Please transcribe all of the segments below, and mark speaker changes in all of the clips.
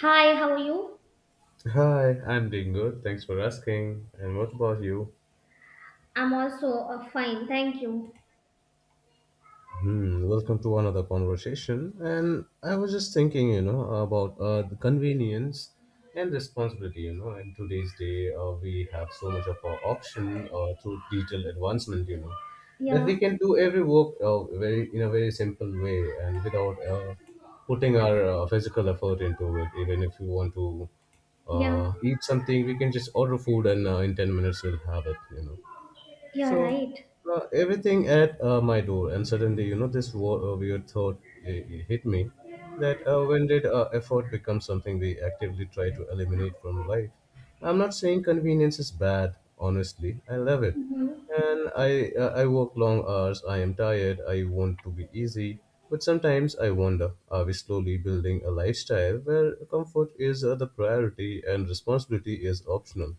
Speaker 1: Hi, how are you?
Speaker 2: Hi, I'm doing good. Thanks for asking. And what about you?
Speaker 1: I'm also fine, thank you.
Speaker 2: Hmm, welcome to another conversation. And I was just thinking, about the convenience and responsibility. In today's day, we have so much of our option through digital advancement. That
Speaker 1: Yeah,
Speaker 2: we can do every work very in a very simple way and without putting our physical effort into it. Even if you want to
Speaker 1: yeah,
Speaker 2: eat something, we can just order food and in 10 minutes we'll have it. You know
Speaker 1: yeah,
Speaker 2: So
Speaker 1: right.
Speaker 2: uh, everything at my door, and suddenly, this weird thought hit me, that when did effort become something we actively try to eliminate from life? I'm not saying convenience is bad. Honestly, I love it,
Speaker 1: Mhm.
Speaker 2: and I work long hours. I am tired. I want to be easy, but sometimes I wonder: Are we slowly building a lifestyle where comfort is the priority and responsibility is optional?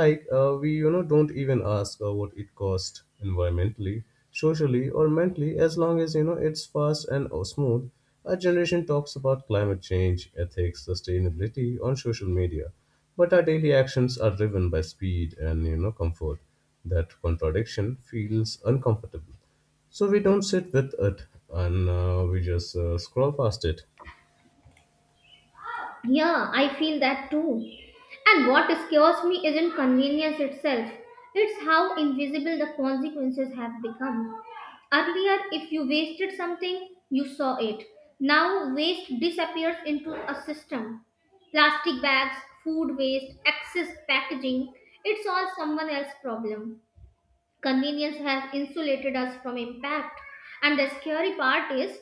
Speaker 2: Like we don't even ask what it costs environmentally, socially, or mentally, as long as it's fast and smooth. Our generation talks about climate change, ethics, sustainability on social media, but our daily actions are driven by speed and comfort. That contradiction feels uncomfortable, so we don't sit with it, and we just scroll past it.
Speaker 1: Yeah, I feel that too. And what scares me isn't convenience itself, it's how invisible the consequences have become. Earlier, if you wasted something, you saw it. Now, waste disappears into a system. Plastic bags, food waste, excess packaging, it's all someone else's problem. Convenience has insulated us from impact. And the scary part is,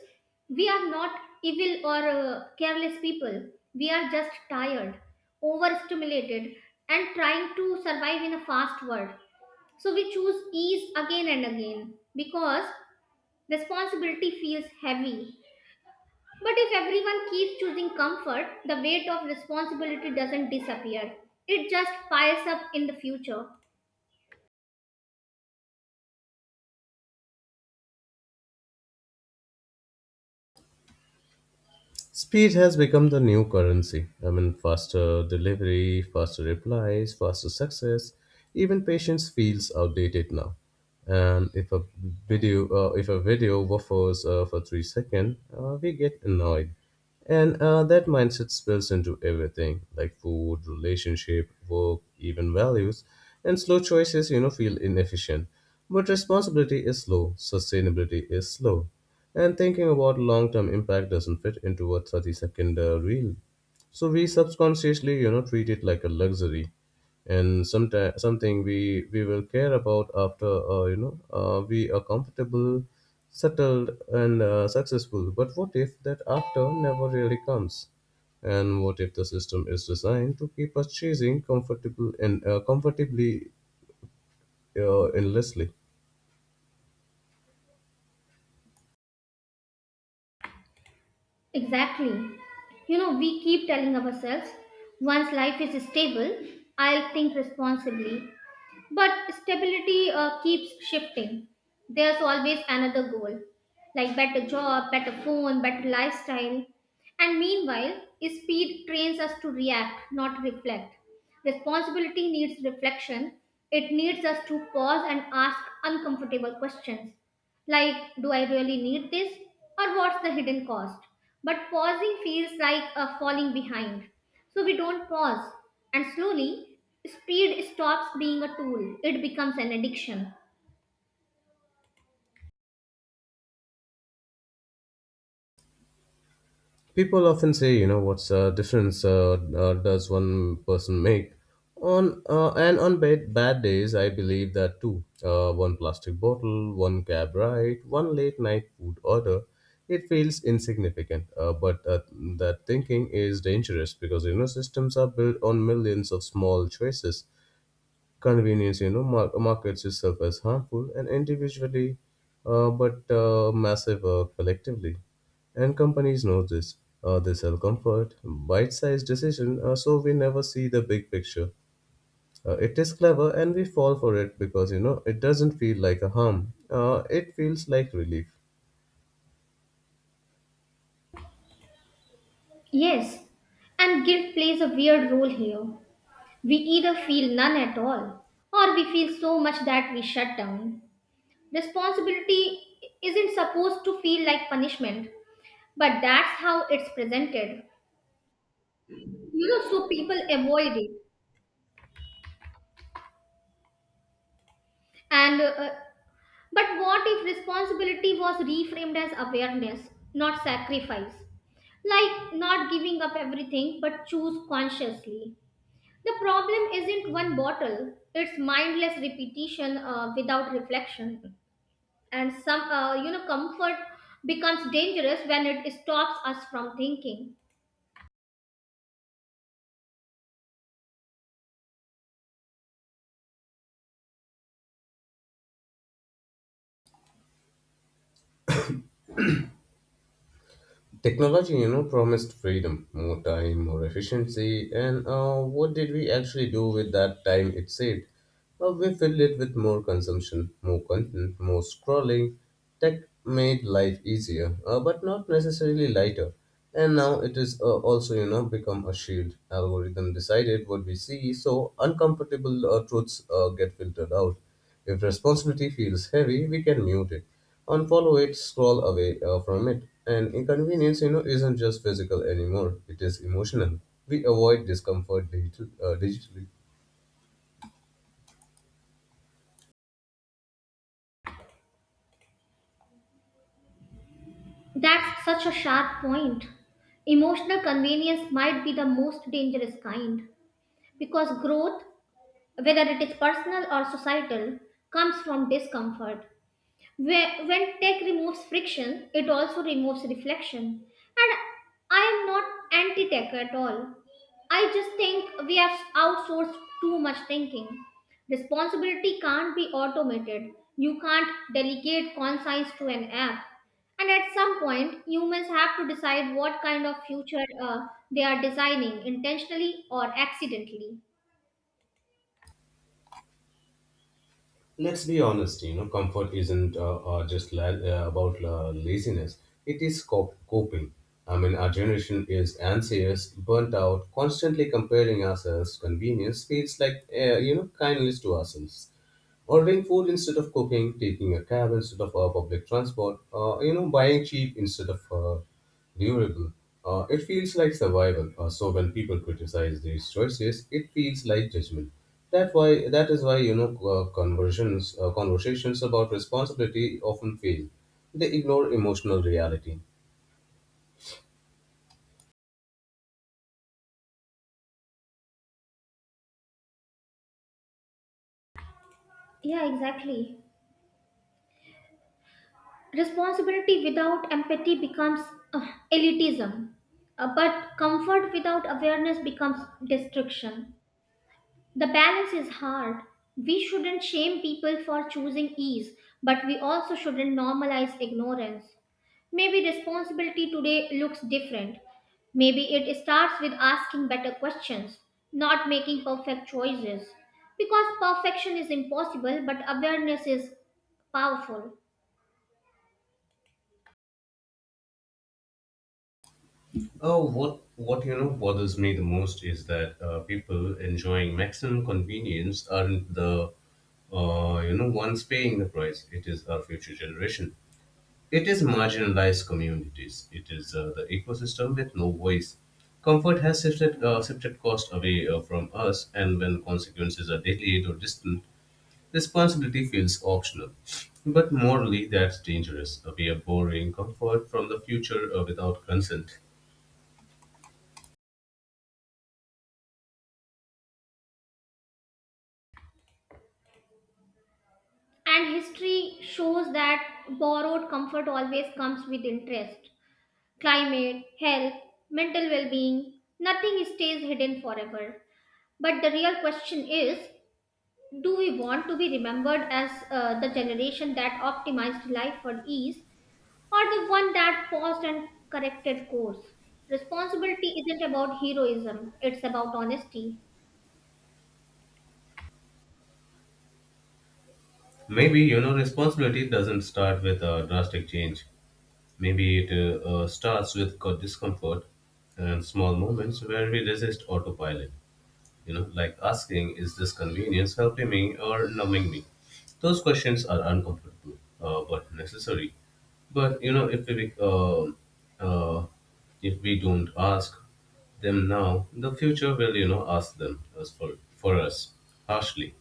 Speaker 1: we are not evil or careless people. We are just tired, overstimulated, and trying to survive in a fast world. So we choose ease again and again because responsibility feels heavy. But if everyone keeps choosing comfort, the weight of responsibility doesn't disappear. It just piles up in the future.
Speaker 2: Speed has become the new currency. I mean, faster delivery, faster replies, faster success. Even patience feels outdated now. And if a video waffles for 3 seconds, we get annoyed. And that mindset spills into everything, like food, relationship, work, even values. And slow choices feel inefficient. But responsibility is slow. Sustainability is slow. And thinking about long term impact doesn't fit into a 30 second reel. So we subconsciously treat it like a luxury, and sometime something we will care about after, we are comfortable, settled, and successful. But what if that after never really comes? And what if the system is designed to keep us chasing comfortable and comfortably endlessly?
Speaker 1: Exactly. You know, we keep telling ourselves once life is stable, I'll think responsibly. But stability keeps shifting. There's always another goal, like better job, better phone, better lifestyle. And meanwhile, speed trains us to react, not reflect. Responsibility needs reflection. It needs us to pause and ask uncomfortable questions like, do I really need this? Or what's the hidden cost? But pausing feels like a falling behind. So we don't pause, and slowly, speed stops being a tool. It becomes an addiction.
Speaker 2: People often say, what's the difference does one person make? On and on bad days, I believe that too. One plastic bottle, one cab ride, one late night food order. It feels insignificant, but that thinking is dangerous, because systems are built on millions of small choices. Convenience markets itself as harmful and individually, but massive collectively. And companies know this. They sell comfort, bite-sized decision, so we never see the big picture. It is clever, and we fall for it because it doesn't feel like a harm. It feels like relief.
Speaker 1: Yes, and guilt plays a weird role here. We either feel none at all, or we feel so much that we shut down. Responsibility isn't supposed to feel like punishment, but that's how it's presented. You know, so people avoid it. And But what if responsibility was reframed as awareness, not sacrifice? Like not giving up everything but choose consciously. The problem isn't one bottle, it's mindless repetition without reflection. And comfort becomes dangerous when it stops us from thinking.
Speaker 2: Technology promised freedom, more time, more efficiency, and what did we actually do with that time it saved? We filled it with more consumption, more content, more scrolling. Tech made life easier, but not necessarily lighter. And now it is also, become a shield. Algorithm decided what we see, so uncomfortable truths get filtered out. If responsibility feels heavy, we can mute it, unfollow it, scroll away from it. And inconvenience isn't just physical anymore; it is emotional. We avoid discomfort digitally.
Speaker 1: That's such a sharp point. Emotional convenience might be the most dangerous kind because growth, whether it is personal or societal, comes from discomfort. When tech removes friction, it also removes reflection. And I am not anti tech at all. I just think we have outsourced too much thinking. Responsibility can't be automated. You can't delegate conscience to an app. And at some point, humans have to decide what kind of future uh, they are designing, intentionally or accidentally.
Speaker 2: Let's be honest, comfort isn't just about laziness. It is coping. I mean, our generation is anxious, burnt out, constantly comparing ourselves. Convenience feels like, kindness to ourselves: ordering food instead of cooking, taking a cab instead of public transport, buying cheap instead of durable. It feels like survival. So when people criticize these choices, it feels like judgment. That is why conversions conversations about responsibility often fail. They ignore emotional reality.
Speaker 1: Yeah, exactly. Responsibility without empathy becomes, uh, elitism. But comfort without awareness becomes destruction. The balance is hard. We shouldn't shame people for choosing ease, but we also shouldn't normalize ignorance. Maybe responsibility today looks different. Maybe it starts with asking better questions, not making perfect choices. Because perfection is impossible, but awareness is powerful.
Speaker 2: Oh, what bothers me the most is that people enjoying maximum convenience aren't the ones paying the price. It is our future generation. It is marginalized communities. It is the ecosystem with no voice. Comfort has shifted cost away from us, and when consequences are delayed or distant, responsibility feels optional. But morally, that's dangerous. We are borrowing comfort from the future without consent.
Speaker 1: And history shows that borrowed comfort always comes with interest. Climate, health, mental well being, nothing stays hidden forever. But the real question is, do we want to be remembered as the generation that optimized life for ease, or the one that paused and corrected course? Responsibility isn't about heroism, it's about honesty.
Speaker 2: Maybe, responsibility doesn't start with a drastic change. Maybe it starts with discomfort and small moments where we resist autopilot. Like asking, is this convenience helping me or numbing me? Those questions are uncomfortable, but necessary. But, uh, if we don't ask them now, the future will, ask them as for us, harshly.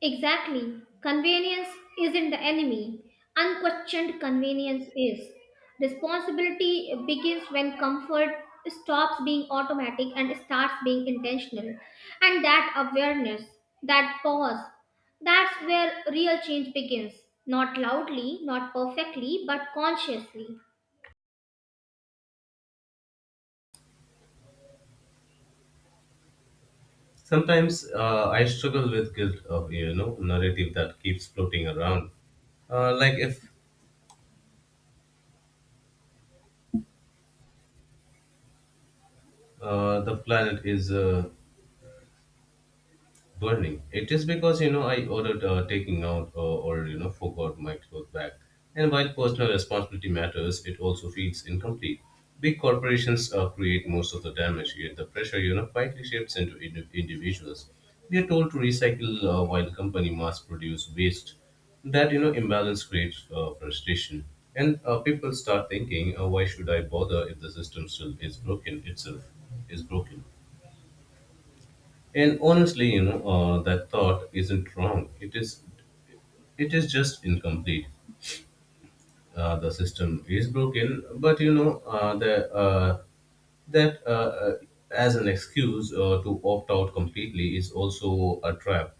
Speaker 1: Exactly. Convenience isn't the enemy. Unquestioned convenience is. Responsibility begins when comfort stops being automatic and starts being intentional. And that awareness, that pause, that's where real change begins. Not loudly, not perfectly, but consciously.
Speaker 2: Sometimes I struggle with guilt of narrative that keeps floating around, like if the planet is burning. It is because I ordered taking out or forgot my clothes bag. And while personal responsibility matters, it also feels incomplete. Big corporations create most of the damage, yet the pressure quietly shifts into individuals. We are told to recycle while company mass produce waste. That imbalance creates frustration, and people start thinking, why should I bother if the system still is broken itself is broken. And honestly, that thought isn't wrong. It is just incomplete. The system is broken, but you know, the that as an excuse to opt out completely is also a trap.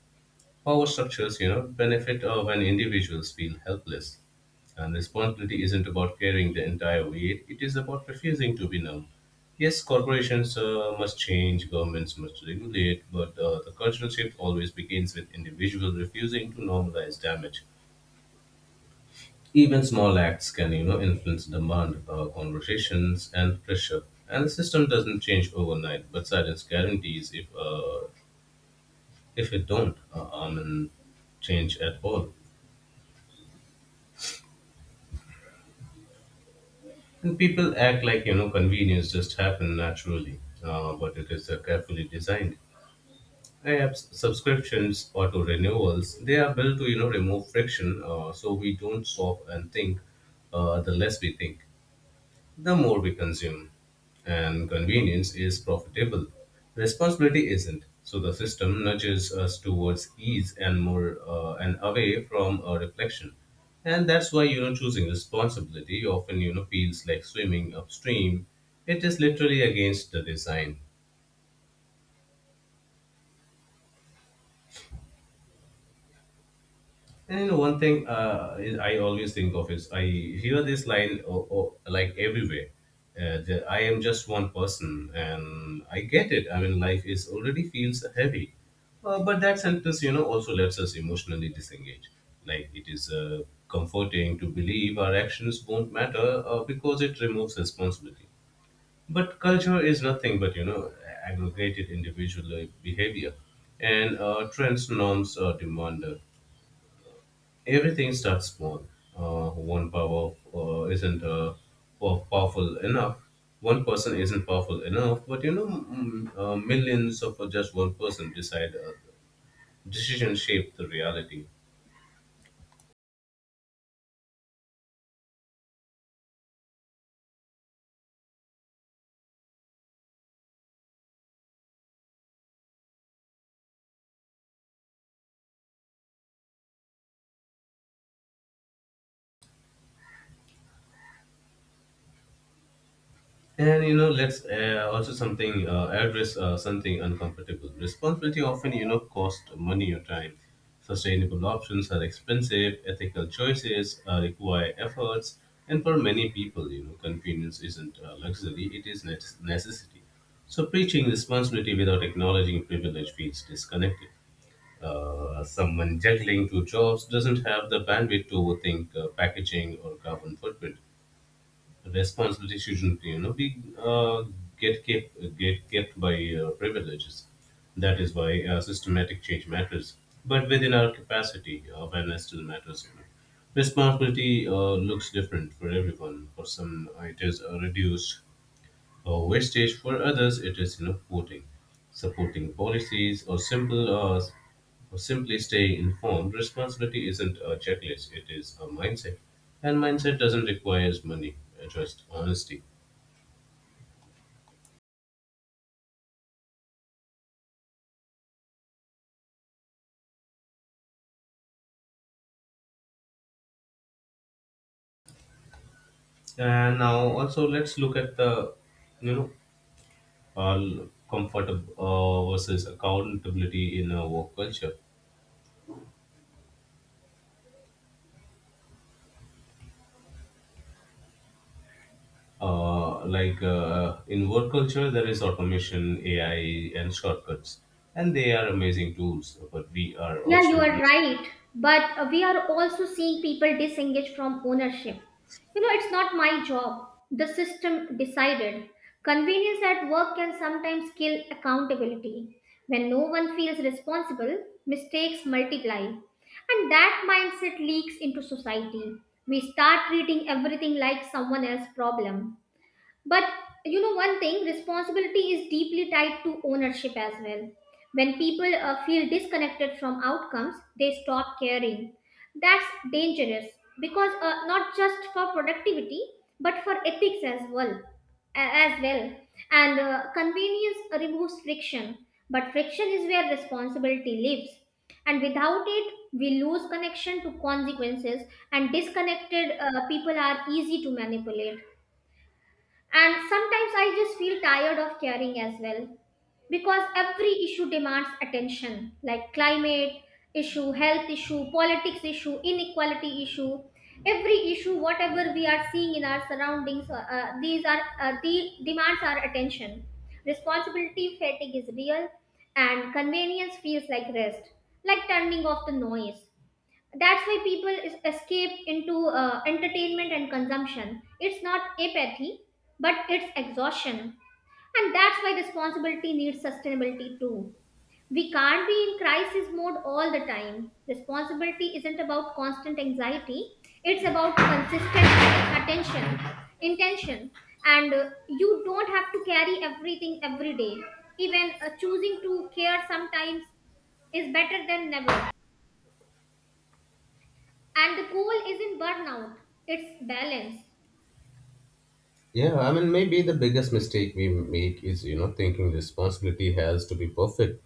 Speaker 2: Power structures benefit when individuals feel helpless. And responsibility isn't about carrying the entire weight; it is about refusing to be numb. Yes, corporations must change, governments must regulate, but the cultural shift always begins with individuals refusing to normalize damage. Even small acts can, influence demand, conversations, and pressure. And the system doesn't change overnight, but silence guarantees if it don't, I mean, change at all. And people act like convenience just happen naturally, but it is carefully designed. Apps, subscriptions, auto renewals, they are built to remove friction, so we don't stop and think. The less we think, the more we consume. And convenience is profitable, responsibility isn't. So the system nudges us towards ease and more and away from reflection. And that's why choosing responsibility often feels like swimming upstream. It is literally against the design. And one thing is I always think of is I hear this line oh, like everywhere. That I am just one person, and I get it. I mean, life is already feels heavy, but that sentence, also lets us emotionally disengage. Like it is comforting to believe our actions won't matter because it removes responsibility. But culture is nothing but aggregated individual behavior, and trends, norms, demand. Everything starts small. One power isn't powerful enough. One person isn't powerful enough, but millions of just one person decide. Decision shape the reality. And let's also something address something uncomfortable. Responsibility often cost money or time. Sustainable options are expensive. Ethical choices require efforts, and for many people, convenience isn't luxury; it is necessity. So, preaching responsibility without acknowledging privilege feels disconnected. Someone juggling two jobs doesn't have the bandwidth to overthink packaging or carbon footprint. Responsibility shouldn't be get kept by privileges. That is why systematic change matters. But within our capacity, awareness still matters. Responsibility looks different for everyone. For some, it is a reduced wastage. For others, it is supporting policies, or simple or simply staying informed. Responsibility isn't a checklist; it is a mindset. And mindset doesn't require money, just honesty. And now also let's look at the, you know, comfort versus accountability in a work culture. Like in work culture, there is automation, AI, and shortcuts, and they are amazing tools. But we are
Speaker 1: Yeah, you
Speaker 2: also,
Speaker 1: are right. But we are also seeing people disengage from ownership. You know, it's not my job. The system decided. Convenience at work can sometimes kill accountability. When no one feels responsible, mistakes multiply. And that mindset leaks into society. We start treating everything like someone else's problem. But you know, one thing, responsibility is deeply tied to ownership as well. When people feel disconnected from outcomes, they stop caring. That's dangerous because, not just for productivity but for ethics as well. a- As well, and convenience removes friction, but friction is where responsibility lives. And without it, we lose connection to consequences, and disconnected people are easy to manipulate. And sometimes I just feel tired of caring as well, because every issue demands attention, like climate issue, health issue, politics issue, inequality issue. Every issue, whatever we are seeing in our surroundings, these are the demands our attention. Responsibility fatigue is real, and convenience feels like rest, like turning off the noise. That's why people is escape into entertainment and consumption. It's not apathy, but it's exhaustion. And that's why responsibility needs sustainability too. We can't be in crisis mode all the time. Responsibility isn't about constant anxiety, it's about consistent attention, intention. And you don't have to carry everything every day. Even choosing to care sometimes is better than never. And the goal isn't burnout, it's balance.
Speaker 2: yeah, I mean, maybe the biggest mistake we make is, thinking responsibility has to be perfect.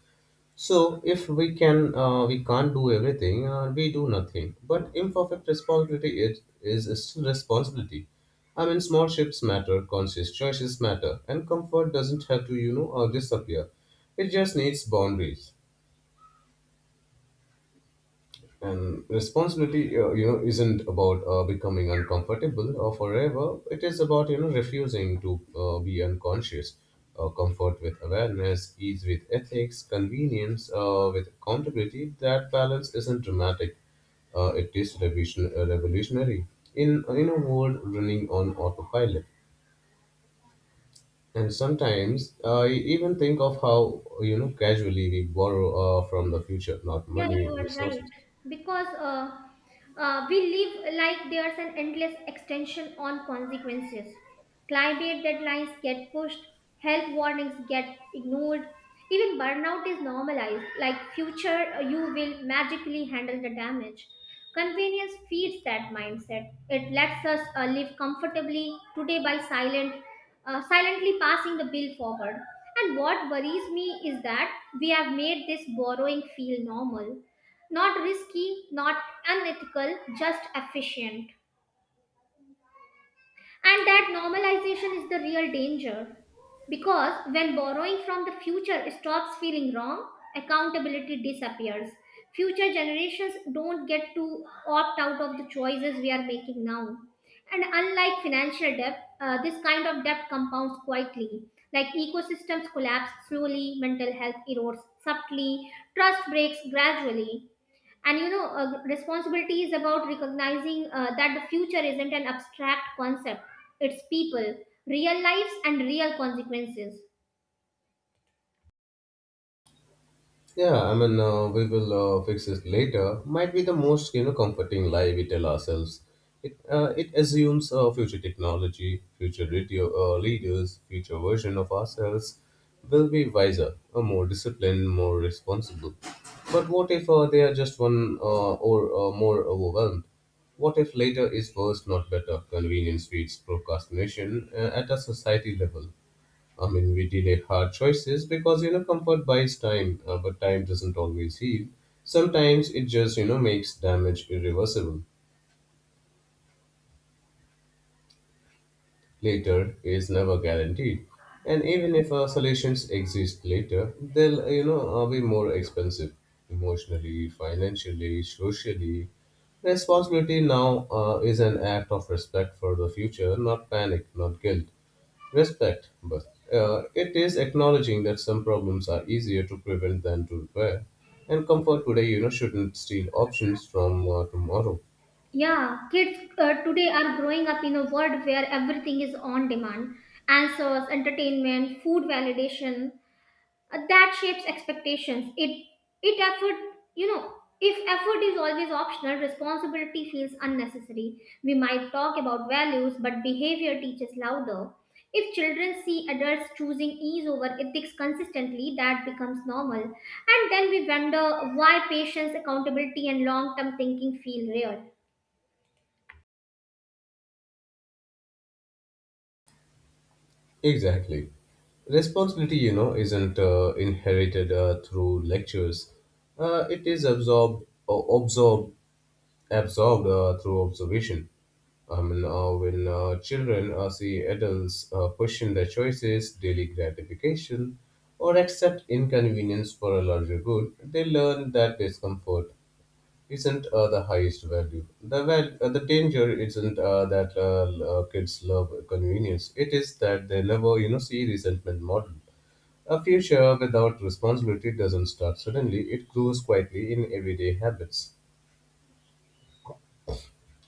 Speaker 2: So if we can, we can't do everything, we do nothing. But imperfect responsibility is still responsibility. I mean, small shifts matter, conscious choices matter, and comfort doesn't have to, disappear. It just needs boundaries. And responsibility, you know, isn't about becoming uncomfortable or forever. It is about you know refusing to be unconscious. Comfort with awareness, ease with ethics, convenience with accountability. That balance isn't dramatic. It is revolutionary in a world running on autopilot. And sometimes I even think of how you know casually we borrow from the future, not
Speaker 1: Yeah,
Speaker 2: money,
Speaker 1: you are right.
Speaker 2: resources.
Speaker 1: Because we live like there's an endless extension on consequences. Climate deadlines get pushed, health warnings get ignored, even burnout is normalized, like future you will magically handle the damage. Convenience feeds that mindset. It lets us live comfortably today by silently passing the bill forward. And what worries me is that we have made this borrowing feel normal, not risky, not unethical, just efficient. And that normalization is the real danger. Because when borrowing from the future stops feeling wrong, accountability disappears. Future generations don't get to opt out of the choices we are making now. And unlike financial debt, this kind of debt compounds quietly. Like ecosystems collapse slowly, mental health erodes subtly, trust breaks gradually. And responsibility is about recognizing that the future isn't an abstract concept. It's people, real lives and real consequences.
Speaker 2: Yeah, I mean, we will fix it later. Might be the most you know comforting lie we tell ourselves. It assumes future technology, future radio leaders, future version of ourselves will be wiser, more disciplined, more responsible. But what if they are just one or more overwhelmed? What if later is worse, not better? Convenience feeds procrastination at a society level. I mean, we delay hard choices because, you know, comfort buys time, but time doesn't always heal. Sometimes it just, you know, makes damage irreversible. Later is never guaranteed. And even if solutions exist later, they'll you know, be more expensive emotionally, financially, socially. Responsibility now is an act of respect for the future, not panic, not guilt. Respect, but it is acknowledging that some problems are easier to prevent than to repair. And comfort today, you know, shouldn't steal options from tomorrow.
Speaker 1: Yeah, kids today are growing up in a world where everything is on demand: answers, entertainment, food, validation. That shapes expectations. It effort you know If effort is always optional, responsibility feels unnecessary. We might talk about values, but behavior teaches louder. If children see adults choosing ease over ethics consistently, that becomes normal. And then we wonder why patience, accountability, and long term thinking feel rare.
Speaker 2: Exactly. Responsibility, you know, isn't inherited through lectures. It is absorbed or absorbed absorbed through observation. I mean, when children see adults question their choices, daily gratification, or accept inconvenience for a larger good, they learn that discomfort isn't the highest value. The danger isn't that kids love convenience. It is that they never, you know, see resentment model. A future without responsibility doesn't start suddenly. It grows quietly in everyday habits.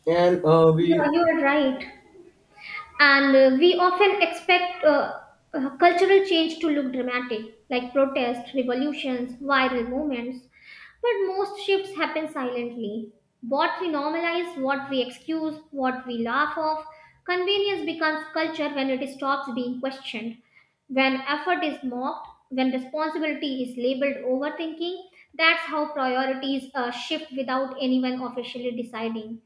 Speaker 2: And uh,
Speaker 1: Yeah,
Speaker 2: we
Speaker 1: you are right. And we often expect cultural change to look dramatic, like protests, revolutions, viral movements. But most shifts happen silently: what we normalize, what we excuse, what we laugh off. Convenience becomes culture when it stops being questioned, when effort is mocked, when responsibility is labeled overthinking. That's how priorities shift without anyone officially deciding.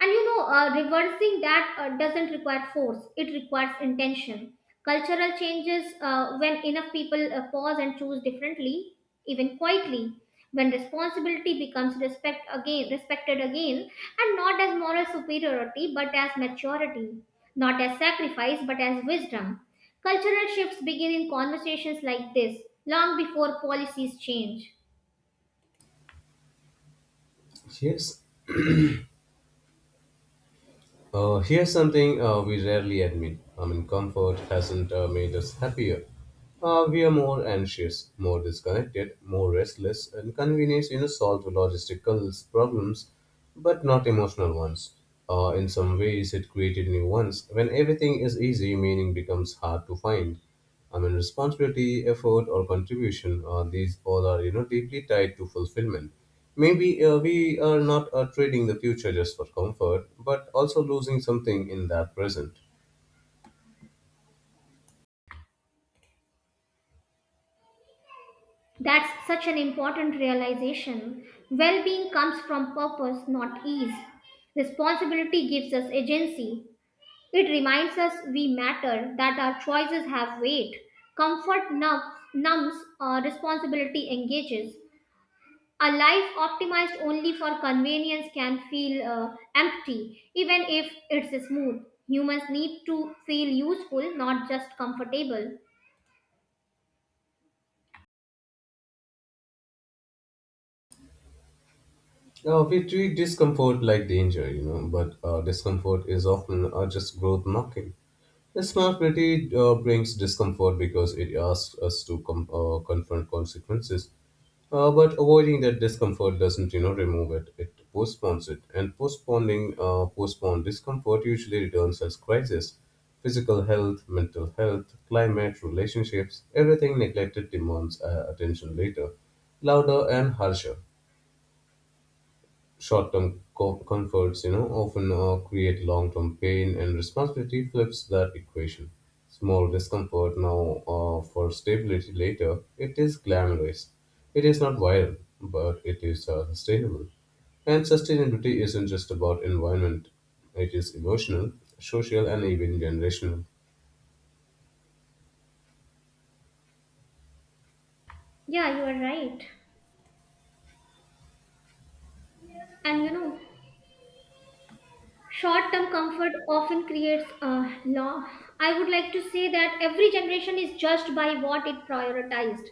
Speaker 1: And reversing that doesn't require force, it requires intention. Cultural changes, when enough people pause and choose differently, even quietly, when responsibility becomes respected again, and not as moral superiority but as maturity, not as sacrifice but as wisdom. Cultural shifts begin in conversations like this, long before policies change.
Speaker 2: Yes, here's something we rarely admit. I mean, comfort hasn't made us happier. We are more anxious, more disconnected, more restless, and convenience, you know, solve logistical problems, but not emotional ones. In some ways, it created new ones. When everything is easy, meaning becomes hard to find. I mean, responsibility, effort, or contribution, these all are, you know, deeply tied to fulfillment. Maybe we are not trading the future just for comfort, but also losing something in that present.
Speaker 1: That's such an important realization. Well being comes from purpose, not ease. Responsibility gives us agency. It reminds us we matter, that our choices have weight. Comfort numbs. Responsibility engages. A life optimized only for convenience can feel empty, even if it's smooth. Humans need to feel useful, not just comfortable.
Speaker 2: Now, we treat discomfort like danger, you know, but discomfort is often just growth knocking. The smart critique brings discomfort because it asks us to confront consequences. But avoiding that discomfort doesn't, you know, remove it. It postpones it, and postponed discomfort usually returns as crisis. Physical health, mental health, climate, relationships, everything neglected demands attention later, louder and harsher short-term comforts, you know, often create long-term pain, and responsibility flips that equation. Small discomfort now for stability later. It is glamorous. It is not viral, but it is sustainable. And sustainability isn't just about environment. It is emotional, social, and even generational.
Speaker 1: Yeah, you are right. And you know, short term comfort often creates a long. I would like to say that every generation is judged by what it prioritized.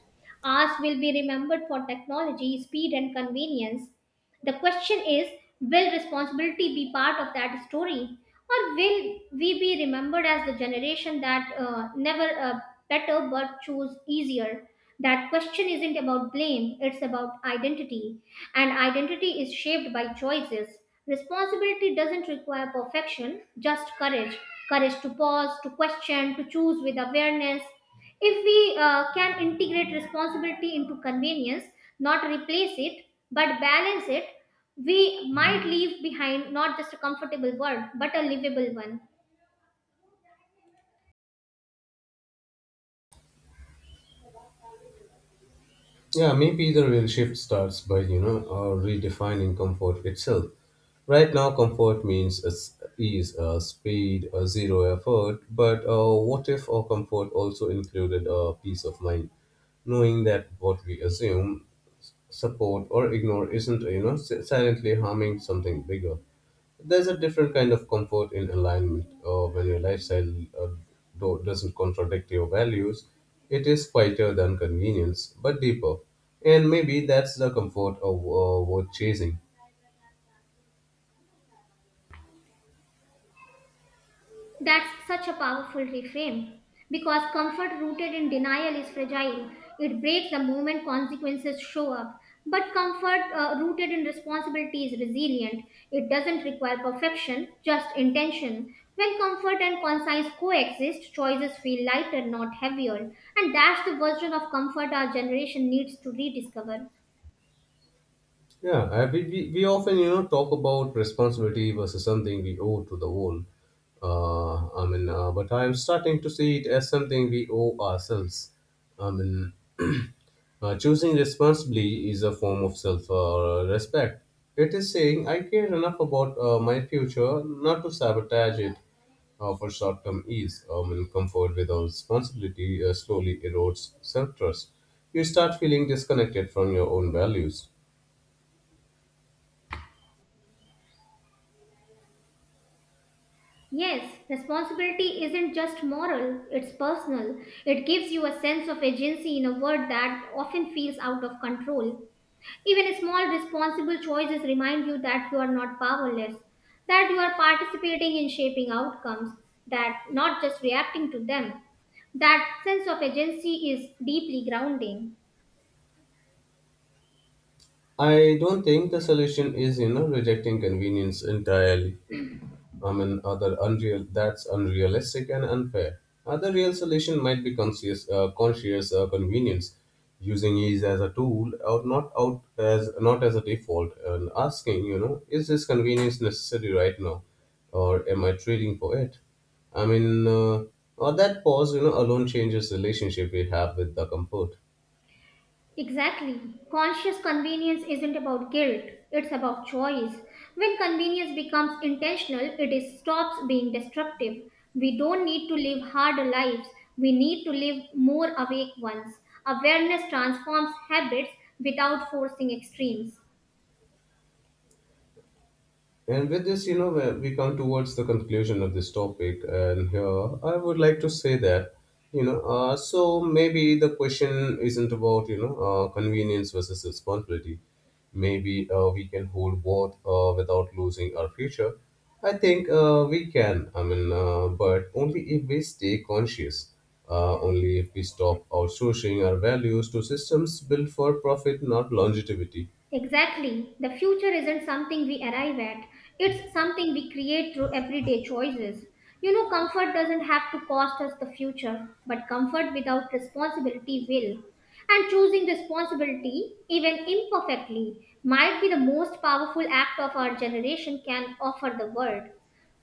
Speaker 1: Ours will be remembered for technology, speed, and convenience. The question is, will responsibility be part of that story, or will we be remembered as the generation that never better but chose easier? That question isn't about blame, it's about identity. And identity is shaped by choices. Responsibility doesn't require perfection, just courage. Courage to pause, to question, to choose with awareness. If we can integrate responsibility into convenience, not replace it, but balance it, we might leave behind not just a comfortable world, but a livable one.
Speaker 2: Yeah, maybe either will shift starts by, you know, redefining comfort itself. Right now, comfort means is, ease, speed, zero effort. But what if our comfort also included peace of mind? Knowing that what we assume, support, or ignore isn't, you know, silently harming something bigger. There's a different kind of comfort in alignment when your lifestyle uh, doesn't contradict your values. It is quieter than convenience, but deeper. And maybe that's the comfort of worth chasing.
Speaker 1: That's such a powerful reframe, because comfort rooted in denial is fragile. It breaks the moment consequences show up. But comfort rooted in responsibility is resilient. It doesn't require perfection, just intention. When comfort and conscience coexist, choices feel lighter, not heavier. And that's the version of comfort our generation needs to rediscover.
Speaker 2: Yeah, we often you know talk about responsibility versus something we owe to the world. I mean, but I am starting to see it as something we owe ourselves. I mean, choosing responsibly is a form of self respect. It is saying I care enough about my future not to sabotage it for short term ease. I mean, comfort without responsibility slowly erodes self trust. You start feeling disconnected from your own values.
Speaker 1: Yes, responsibility isn't just moral, it's personal. It gives you a sense of agency in a world that often feels out of control. Even small responsible choices remind you that you are not powerless, that you are participating in shaping outcomes, that not just reacting to them. That sense of agency is deeply grounding.
Speaker 2: I don't think the solution is, you know, rejecting convenience entirely. I mean, other unreal that's unrealistic and unfair. Other real solution might be conscious convenience, using ease as a tool, or not out as not as a default, and asking, you know, is this convenience necessary right now, or am I trading for it? I mean, uh, or that pause, you know, alone changes relationship we have with the comfort.
Speaker 1: Exactly. Conscious convenience isn't about guilt, it's about choice. When convenience becomes intentional, it is stops being destructive. We don't need to live harder lives, we need to live more awake ones. Awareness transforms habits without forcing extremes.
Speaker 2: And with this, you know, when we come towards the conclusion of this topic, and here I would like to say that, you know, so maybe the question isn't about, you know, convenience versus responsibility. Maybe we can hold both without losing our future. I think we can, but only if we stay conscious, only if we stop outsourcing our values to systems built for profit, not longevity.
Speaker 1: Exactly. The future isn't something we arrive at, it's something we create through everyday choices. You know, comfort doesn't have to cost us the future, but comfort without responsibility will. And choosing responsibility, even imperfectly, might be the most powerful act of our generation can offer the world.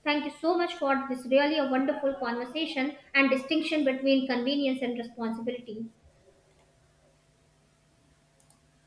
Speaker 1: Thank you so much for this, really a wonderful conversation and distinction between convenience and responsibility.